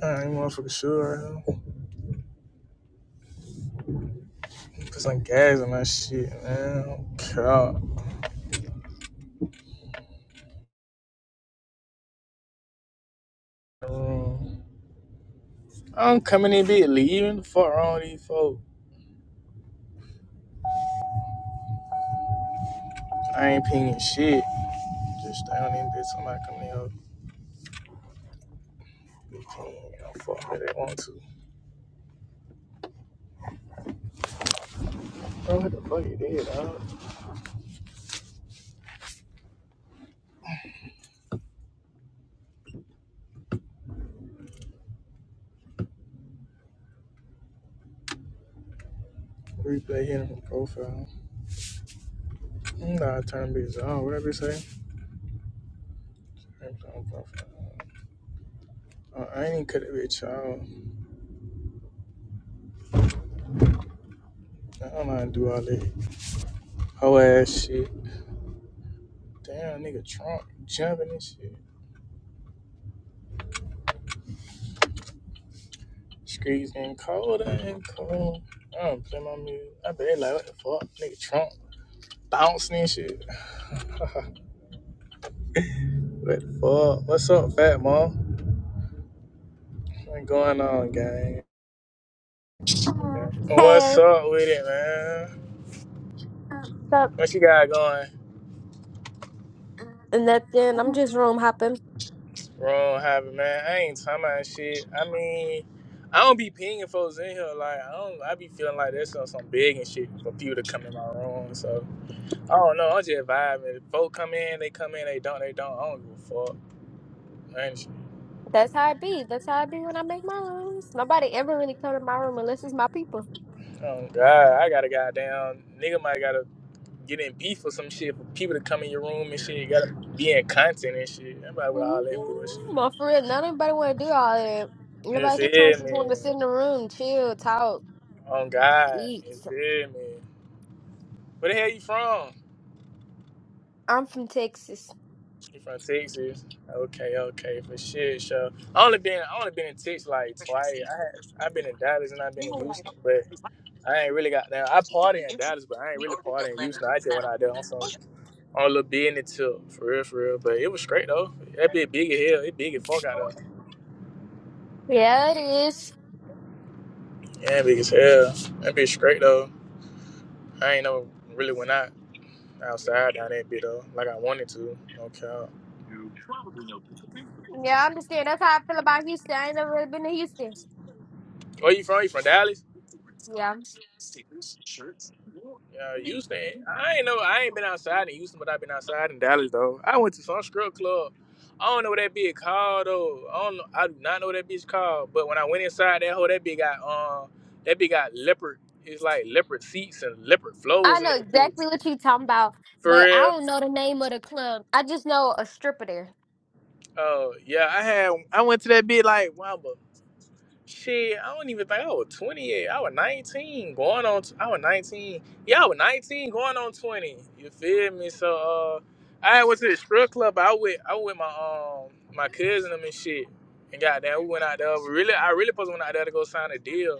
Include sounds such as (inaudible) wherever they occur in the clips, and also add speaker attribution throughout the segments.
Speaker 1: Nah, I ain't motherfucking sure. Put some gas in my shit, man. God. I'm coming in bit leaving the fuck wrong with these folks. I ain't pinging shit. Just stay on in bitch. Somebody coming in here. Be pinging. i don't fuck with they want to. Bro, what the fuck you did, dog? Replay hitting from profile. I'm not turning bitch off. What that bitch say? Replay on profile. Uh, I ain't even cut it bitch off. I don't know how to do all that. hoe ass shit. Damn, nigga Trump jumping and shit. Streets getting colder and cold. I don't play my music. I bet like, what the fuck? Nigga Trump bouncing and shit. (laughs) what the fuck? What's up, fat mom? What's going on, gang? What's
Speaker 2: Hey,
Speaker 1: up with it, man?
Speaker 2: what's up?
Speaker 1: What you got going?
Speaker 2: And that then I'm just room hopping.
Speaker 1: Wrong happened, man. I ain't talking about shit. I mean, I don't be pinging folks in here. Like, I don't, I be feeling like that's some some big and shit for people to come in my room. So, I don't know. I'm just vibing. If folks come in, they come in. They don't, they don't. I don't give a fuck.
Speaker 2: That's how it be. That's how it be when I make my rooms. Nobody ever really come to my room unless it's my people.
Speaker 1: Oh God, I got a goddamn nigga might gotta get in beef or some shit for people to come in your room and shit. You gotta be in content and shit. Everybody with
Speaker 2: Mhm.
Speaker 1: all that bullshit.
Speaker 2: But for real, none anybody want to do all that.
Speaker 1: You
Speaker 2: Everybody sometimes
Speaker 1: feel
Speaker 2: just
Speaker 1: me?
Speaker 2: want to sit in the room, chill, talk,
Speaker 1: On God,
Speaker 2: eat.
Speaker 1: you feel me? Where the hell you from?
Speaker 2: I'm from Texas.
Speaker 1: You from Texas? Okay, okay, for shit, sure. I only been I only been in Texas like twice. I had I've been in Dallas and I've been in Houston, but I ain't really got now. I party in Dallas, but I ain't really party in Houston. I just went out there on some. on Lil B in it too, for real, for real. But it was straight though. That bitch big as hell. It big as fuck out of.
Speaker 2: Yeah, it is.
Speaker 1: Yeah, big as hell. That bitch straight though. I ain't know really went out outside down that bit though, like I wanted to. No cap.
Speaker 2: Yeah, I understand. That's how I feel about Houston. I ain't never really been to Houston.
Speaker 1: Where you from? You from Dallas?
Speaker 2: Yeah.
Speaker 1: Yeah, Houston. I ain't know. I ain't been outside in Houston, but i been outside in Dallas though. I went to some strip club. I don't know what that bitch called though. I don't. Know, I do not know what that bitch called. But when I went inside that hole, that bitch got um, that bitch got leopard. It's like leopard seats and leopard
Speaker 2: I
Speaker 1: flows in
Speaker 2: know
Speaker 1: that bitch.
Speaker 2: exactly what you talking about,
Speaker 1: For
Speaker 2: but I
Speaker 1: real?
Speaker 2: don't know the name of the club. I just know a stripper there.
Speaker 1: Oh yeah, I had I went to that bit like wow, but shit, I don't even think I was twenty yet. I was nineteen, going on. T- I was nineteen. Yeah, I was nineteen, going on twenty. You feel me? So uh, I went to the strip club. I went. I went with my um my cousin and them and shit. And goddamn, we went out there. We really, I really supposed to went out there to go sign a deal.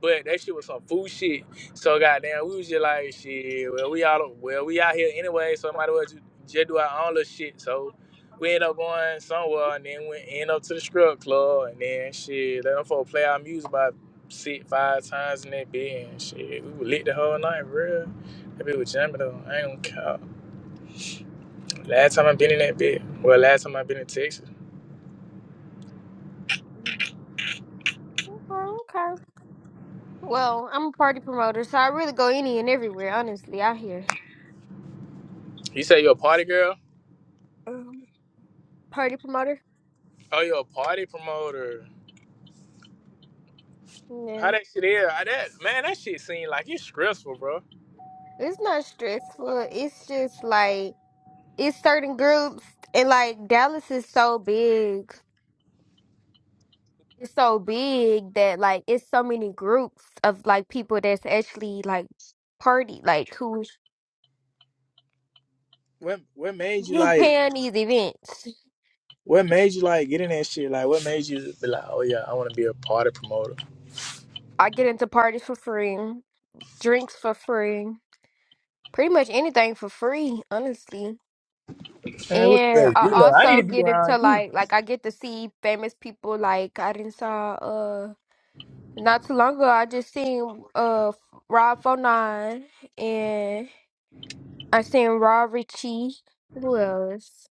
Speaker 1: But that shit was some fool shit. So goddamn, we was just like, shit. Well, we out. Well, we out here anyway. So might as well ju- just do our own little shit. So We end up going somewhere and then we end up to the strip club and then shit, let them folk play our music about six, five times in that bed and shit. We were lit the whole night, real. That bitch was jamming though. I ain't gonna count. Last time I been in that bed. Well, last time I been in Texas.
Speaker 2: Mm. Okay, okay. Well, I'm a party promoter, so I really go any and everywhere, honestly, out here.
Speaker 1: You say you a party girl?
Speaker 2: Um, party promoter?
Speaker 1: Oh, you a party promoter. How
Speaker 2: Yeah.
Speaker 1: that shit is? I, that man, that shit seemed like it's stressful, bro.
Speaker 2: It's not stressful. It's just like it's certain groups and like Dallas is so big. It's so big that like it's so many groups of like people that's actually like party like who
Speaker 1: What what made you
Speaker 2: you
Speaker 1: like
Speaker 2: paying these events.
Speaker 1: what made you like get in that shit? Like what made you be like, oh yeah, I wanna be a party promoter?
Speaker 2: I get into parties for free, drinks for free, pretty much anything for free, honestly.
Speaker 1: Man, what the
Speaker 2: And
Speaker 1: heck?
Speaker 2: I
Speaker 1: You know, I
Speaker 2: also
Speaker 1: need to be
Speaker 2: get into
Speaker 1: around you.
Speaker 2: like like I get to see famous people like I didn't saw uh not too long ago I just seen uh Rob 49 and I've seen Raw Richie. Who else?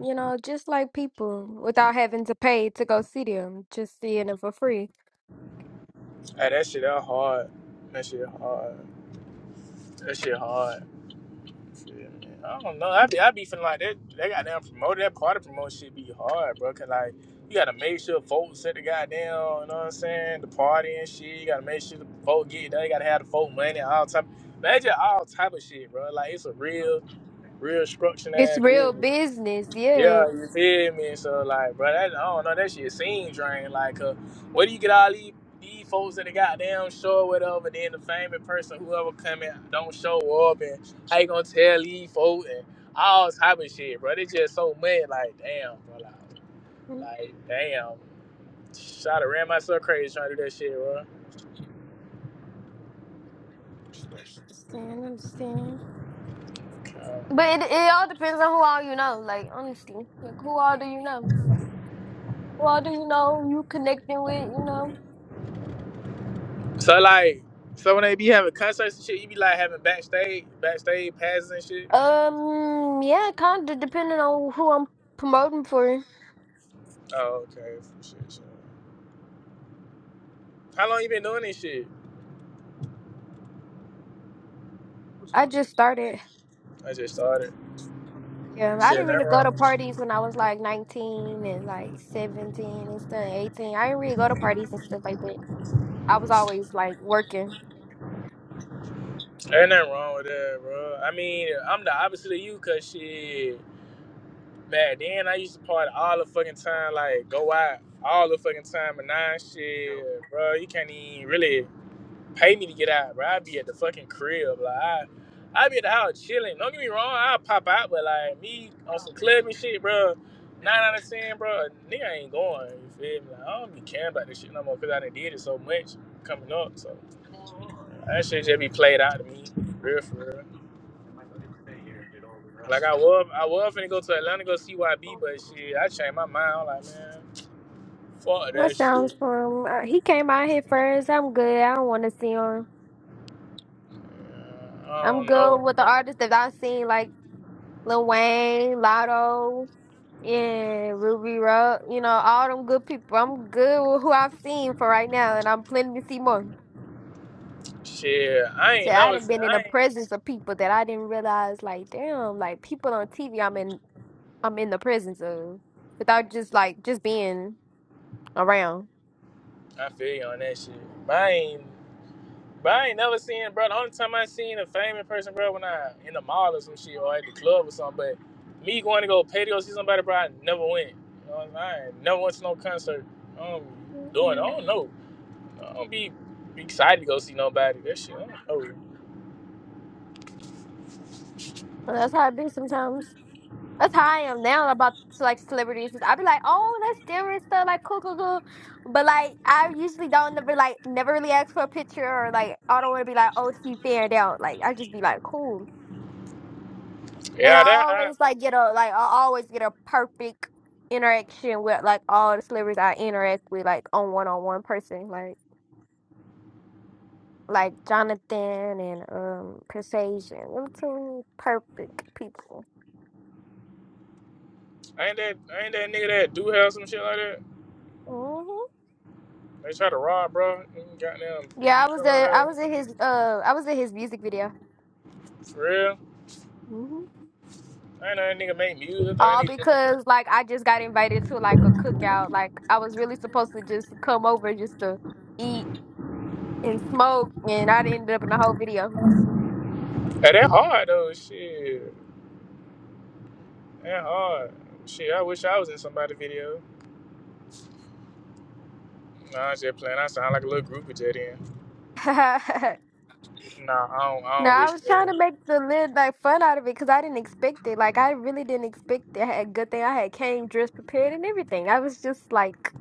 Speaker 2: You know, just like people without having to pay to go see them, just seeing it for free.
Speaker 1: Hey, that shit that hard. That shit hard. That shit hard. Shit, man. I don't know. I be I be feeling like that. They got damn promoted. That part of promotion shit be hard, bro. Cause like you gotta make sure folks at the goddamn. You know what I'm saying? The party and shit. You gotta make sure the folk get. They gotta have the folk money. All type. Imagine all type of shit, bro. Like it's a real. Real structured
Speaker 2: It's
Speaker 1: ass
Speaker 2: real
Speaker 1: business.
Speaker 2: business, yes.
Speaker 1: Yeah, you feel me? So like, bro, that, I don't know. That shit seems drained. Like, uh, where do you get all these, these folks that the goddamn show whatever? Then the famous person, whoever come in, don't show up, and how you gonna tell these folks and all type of shit, bro? They just so mad. Like, damn, bro. Like,
Speaker 2: Mm,
Speaker 1: like damn. Shot ran myself crazy trying to do that shit, bro.
Speaker 2: Understand, understand.
Speaker 1: Um,
Speaker 2: But it, it all depends on who all you know, like, honestly. Like, who all do you know? Who all do you know you connecting with, you know?
Speaker 1: so like, so when they be having concerts and shit, you be like having backstage, backstage passes and shit.
Speaker 2: Um, yeah, kind of depending on who I'm promoting for.
Speaker 1: Oh, okay. Shit, shit. How long you been doing this shit?
Speaker 2: I just started.
Speaker 1: I just started.
Speaker 2: Yeah, I
Speaker 1: Shit,
Speaker 2: didn't really
Speaker 1: nothing
Speaker 2: go to
Speaker 1: wrong.
Speaker 2: parties when I was like 19 and like 17 and stuff, 18. I didn't really go to parties and stuff like that. I was always like working.
Speaker 1: Ain't nothing wrong with that, bro. I mean, I'm the opposite of you, cause shit, back then I used to party all the fucking time, like go out all the fucking time, but now shit, bro, you can't even really. pay me to get out, bro. I'd be at the fucking crib. Like I I'd be at the house chilling. Don't get me wrong, I'll pop out, but like me on some clubbing shit, bro. Nine out of ten, bro, nigga ain't going. You feel me? Like, I don't be caring about this shit no more because I done did it so much coming up. So that shit just be played out to me. Real for real. Like I was I was finna go to Atlanta go see YB, but shit, I changed my mind. I'm like, man, fuck
Speaker 2: That
Speaker 1: that
Speaker 2: sounds
Speaker 1: shit.
Speaker 2: fun. Uh, He came out here first. I'm good. I don't want to see him.
Speaker 1: Uh, I
Speaker 2: I'm
Speaker 1: don't
Speaker 2: good
Speaker 1: know.
Speaker 2: with the artists that I've seen, like Lil Wayne, Lotto, and Ruby Rub. You know, all them good people. I'm good with who I've seen for right now, and I'm planning to see more.
Speaker 1: Shit, I
Speaker 2: So
Speaker 1: ain't
Speaker 2: I
Speaker 1: never.
Speaker 2: done been in
Speaker 1: I
Speaker 2: the
Speaker 1: ain't.
Speaker 2: presence of people that I didn't realize, like, damn, like people on TV I'm in I'm in the presence of without just like just being around.
Speaker 1: I feel you on that shit. But I ain't, but I ain't never seen, bro. The only time I seen a famous person, bro, when I in the mall or some shit or at the club or something. But me going to go pay to go see somebody, bro, I never went. You know what I'm saying? I ain't never went to no concert. I'm doing, I
Speaker 2: Mhm.
Speaker 1: don't know. I don't be, be excited to go see nobody. That shit, I don't know.
Speaker 2: Well, that's how it be sometimes. That's how I am now about like celebrities. i be like, oh, that's different stuff, like cool, cool, cool. But like, I usually don't never like never really ask for a picture or like I don't want to be like, oh, she fanned out. Like I just be like, cool. And I
Speaker 1: Yeah, that I,
Speaker 2: always like get a like I always get a perfect interaction with like all the celebrities I interact with like on one on one person like. like Jonathan and um Persuasion. Them two perfect people.
Speaker 1: ain't that ain't that nigga that do have some shit like that.
Speaker 2: hmm
Speaker 1: They try to rob, bro. and Goddamn,
Speaker 2: Yeah, I
Speaker 1: beat
Speaker 2: was
Speaker 1: him out
Speaker 2: at I
Speaker 1: there.
Speaker 2: was at his uh I was at his music video.
Speaker 1: For real.
Speaker 2: hmm
Speaker 1: I ain't know that nigga make music. I thought that
Speaker 2: All
Speaker 1: nigga.
Speaker 2: because like I just got invited to like a cookout. Like I was really supposed to just come over just to eat and smoke, and I ended up in the whole video.
Speaker 1: Hey, that hard though. Shit, that hard. Shit, I wish I was in somebody video. Nah, I'm just playing. I sound like a little groupie jet in.
Speaker 2: (laughs)
Speaker 1: Nah, I don't. I
Speaker 2: No,
Speaker 1: don't
Speaker 2: I
Speaker 1: wish
Speaker 2: was trying to
Speaker 1: that.
Speaker 2: make the lid like fun out of it because I didn't expect it. Like I really didn't expect it. I had a good thing. I had came dressed prepared and everything. I was just like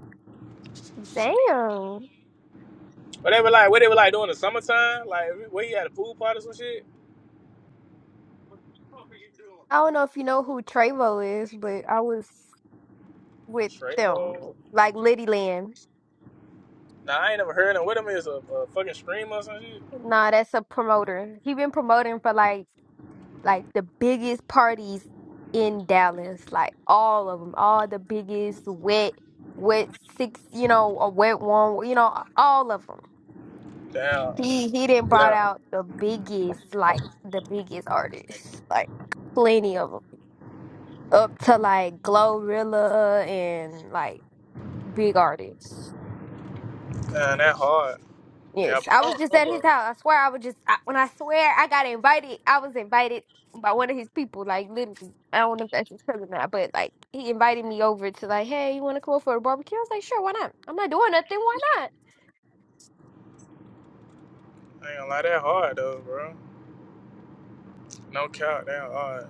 Speaker 2: Damn.
Speaker 1: But they were like, what they were like doing in the summertime? Like, where you at a pool party or some shit?
Speaker 2: I don't know if you know who Trevo is, but I was with
Speaker 1: Straight
Speaker 2: them,
Speaker 1: bowl.
Speaker 2: like Liddy Land.
Speaker 1: Nah, I ain't never heard of them. What them is a, a fucking streamer or some shit?
Speaker 2: Nah, that's a promoter. He been promoting for like like the biggest parties in Dallas, like all of them, all the biggest wet, wet six, you know, a wet one, you know, all of them.
Speaker 1: Damn.
Speaker 2: He he didn't brought
Speaker 1: Yeah.
Speaker 2: out the biggest, like the biggest artists, like plenty of them, up to like Glorilla and like. Big artist.
Speaker 1: Damn, that hard. Yeah,
Speaker 2: Yes,
Speaker 1: but
Speaker 2: I
Speaker 1: I
Speaker 2: was
Speaker 1: don't
Speaker 2: just
Speaker 1: know,
Speaker 2: at
Speaker 1: bro.
Speaker 2: his house. I swear, I was just I, when I swear I got invited. I was invited by one of his people. Like literally, I don't know if that's his cousin or not, but like he invited me over to like, hey, you want to come over for a barbecue? I was like, sure, why not? I'm not doing nothing. Why not?
Speaker 1: I ain't gonna lie, that hard though, bro. No cap, that hard.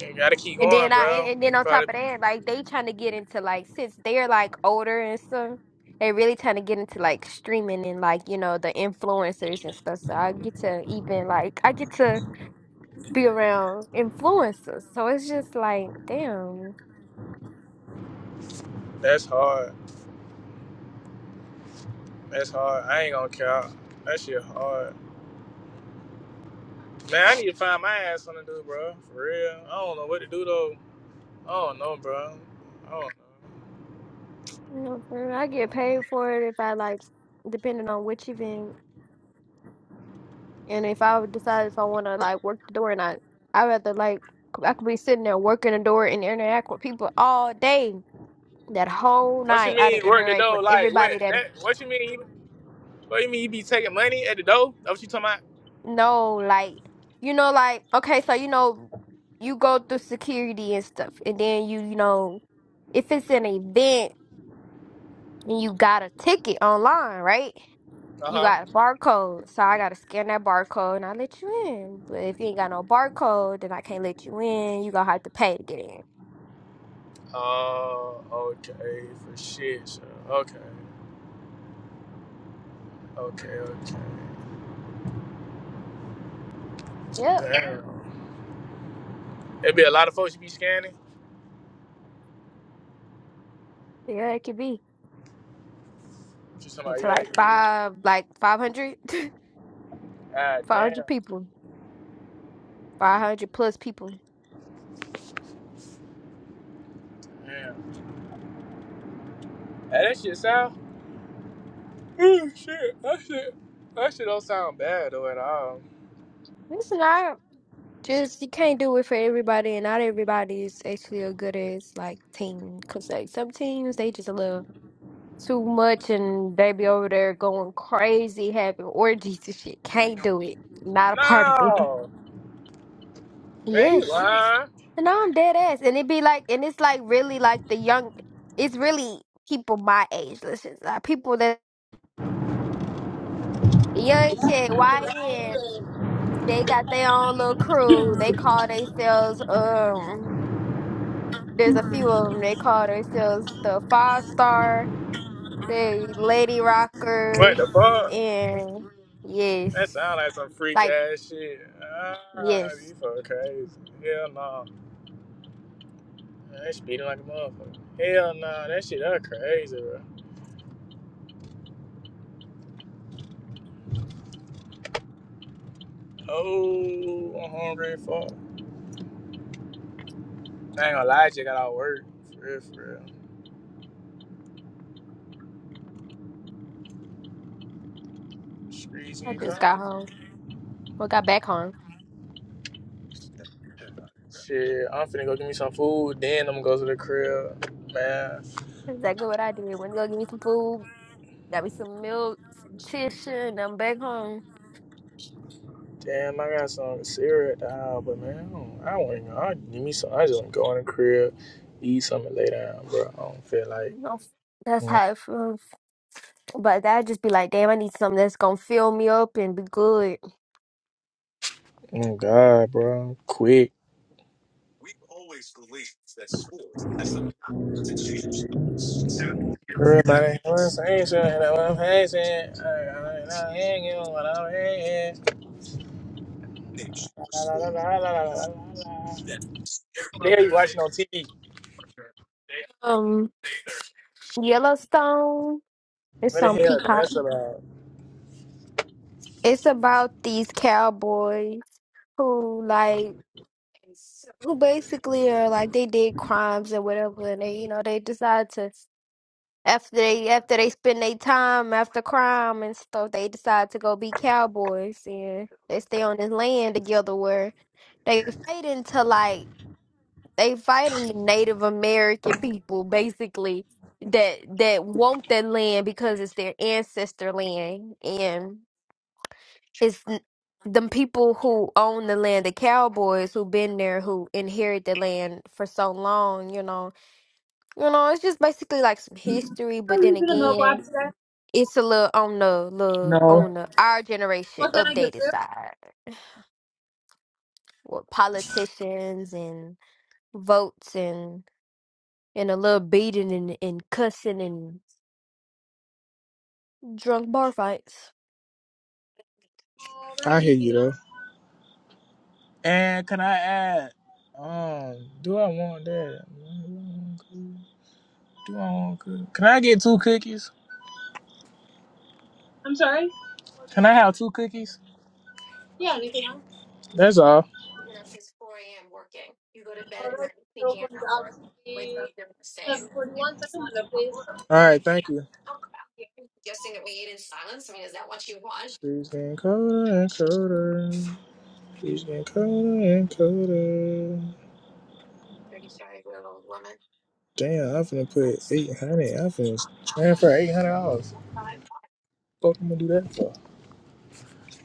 Speaker 1: You gotta keep
Speaker 2: And then
Speaker 1: going,
Speaker 2: I and,
Speaker 1: bro.
Speaker 2: and then
Speaker 1: You
Speaker 2: on
Speaker 1: probably
Speaker 2: top of that, like they trying to get into like since they're like older and stuff, they really trying to get into like streaming and like you know the influencers and stuff. So I get to even like I get to. be around influencers. So it's just like, damn,
Speaker 1: that's hard. That's hard. I ain't gonna count. That shit hard. Man, I need to find my ass something to do, bro. For real. I don't know what to do though. I don't know, bro. I don't know.
Speaker 2: you know, for I
Speaker 1: I
Speaker 2: get
Speaker 1: don't know.
Speaker 2: paid for it if I like, depending on which event, and if I would decide if I want to like work the door or not. I rather like I could be sitting there working the door and interact with people all day. That whole
Speaker 1: What you
Speaker 2: night, I'd
Speaker 1: mean work the
Speaker 2: interact with
Speaker 1: door? Like what?
Speaker 2: everybody that
Speaker 1: That what you mean? What you mean you be taking money at the door? That what you talking
Speaker 2: know, like you know, like okay, so you know, you go through security and stuff, and then you, you know, if it's an event and you got a ticket online, right?
Speaker 1: about? Uh
Speaker 2: You
Speaker 1: huh.
Speaker 2: got a barcode, so I gotta scan that barcode and I let you in. But if you ain't got no barcode, then I can't let you in. You gonna have to pay to get in.
Speaker 1: Oh, okay. For shit. Sure. Okay. Okay. Okay.
Speaker 2: Yep.
Speaker 1: Damn. it be a lot of folks you be scanning.
Speaker 2: Yeah, it could be.
Speaker 1: What you talking
Speaker 2: up
Speaker 1: about?
Speaker 2: to
Speaker 1: Yeah, I
Speaker 2: like
Speaker 1: can do.
Speaker 2: five, like 500, 500
Speaker 1: Ah, damn.
Speaker 2: (laughs) people, 500 plus people.
Speaker 1: Damn. Hey, that shit, Sal. Oh shit, that shit, that shit don't sound bad though at all.
Speaker 2: It's not just, you can't do it for everybody, and not everybody is actually a good as like team. Cause like some teams, they just a little too much and they be over there going crazy, having orgies and shit. Can't do it. Not a part of it.
Speaker 1: No, man, you
Speaker 2: Yes.
Speaker 1: lying?
Speaker 2: And I'm dead ass. And it be like, and it's like really like the young, it's really people my age. Listen, like people that young kid, YNs, they got their own little crew. They call themselves, um, there's a few of them. They call themselves the Five Star, the Lady
Speaker 1: What
Speaker 2: Rockers,
Speaker 1: the fuck?
Speaker 2: and yes,
Speaker 1: That sound like some freak
Speaker 2: like,
Speaker 1: ass shit. Ah,
Speaker 2: yes.
Speaker 1: you fucking crazy. Hell no, they speeding like a motherfucker. Hell no, that shit that crazy, bro. Oh, I'm hungry as fuck. I ain't gonna lie, I just got out of work. For real, for real. Streets
Speaker 2: I
Speaker 1: ain't
Speaker 2: just got
Speaker 1: coming.
Speaker 2: home. Well, got back home.
Speaker 1: Shit, I'm finna go get me some food. Then I'm gonna go to the crib, man.
Speaker 2: That's exactly what I did. Went to go get me some food Got me some milk, some tissue, and I'm back home.
Speaker 1: Damn, I got some cereal at the house, but man, I, don't, want to. go. I need me some. I just want to go in the crib, eat something, lay down, bro. I don't feel like.
Speaker 2: You know, That's
Speaker 1: Mm,
Speaker 2: how it feels. But that just be like, damn, I need something that's gonna fill me up and be good.
Speaker 1: mm, God, bro, quick. Everybody, (laughs) what's the answer? And I'm facing. I ain't giving what I'm facing. La, la, la, la, la, la, la, la, What the hell you watching on TV?
Speaker 2: Yellowstone, it's
Speaker 1: What the
Speaker 2: on
Speaker 1: hell?
Speaker 2: Peacock.
Speaker 1: That's about.
Speaker 2: It's about these cowboys who like who basically are like they did crimes or whatever, and they you know they decide to After they after they spend their time after crime and stuff, they decide to go be cowboys and they stay on this land together where they fighting to like they fighting the Native American people basically that that want that land because it's their ancestor land and it's n- them people who own the land, the cowboys who been there who inherit the land for so long, you know. You know, it's just basically like some history, but then again it's a little on the little on the our generation updated side with politicians and votes and and a little beating and, and cussing and drunk bar fights.
Speaker 1: I hear you though. And can I add? Um, do I want that? Do I want cookies? Do I want cookies? Can I get two cookies? Can I have two cookies? That's all. All right, thank you. She's getting colder and colder. She's getting colder and colder. Damn, I'm finna put 800. I'm finna transfer $800. Fuck, I'm gonna do that for.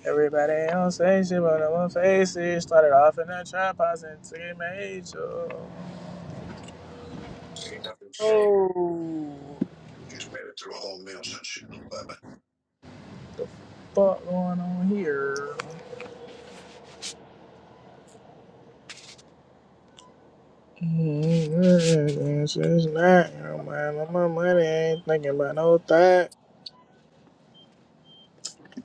Speaker 1: Everybody on stage, shit, but I'm on faces. Started off in that trap house and took it major. Oh, fuck going on here? Mm, It's it's not, you know, man. My money ain't thinking about no thought.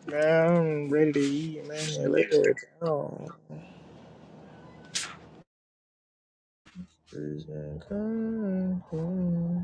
Speaker 1: Man, I'm ready to eat, man. Let it go. Vision come.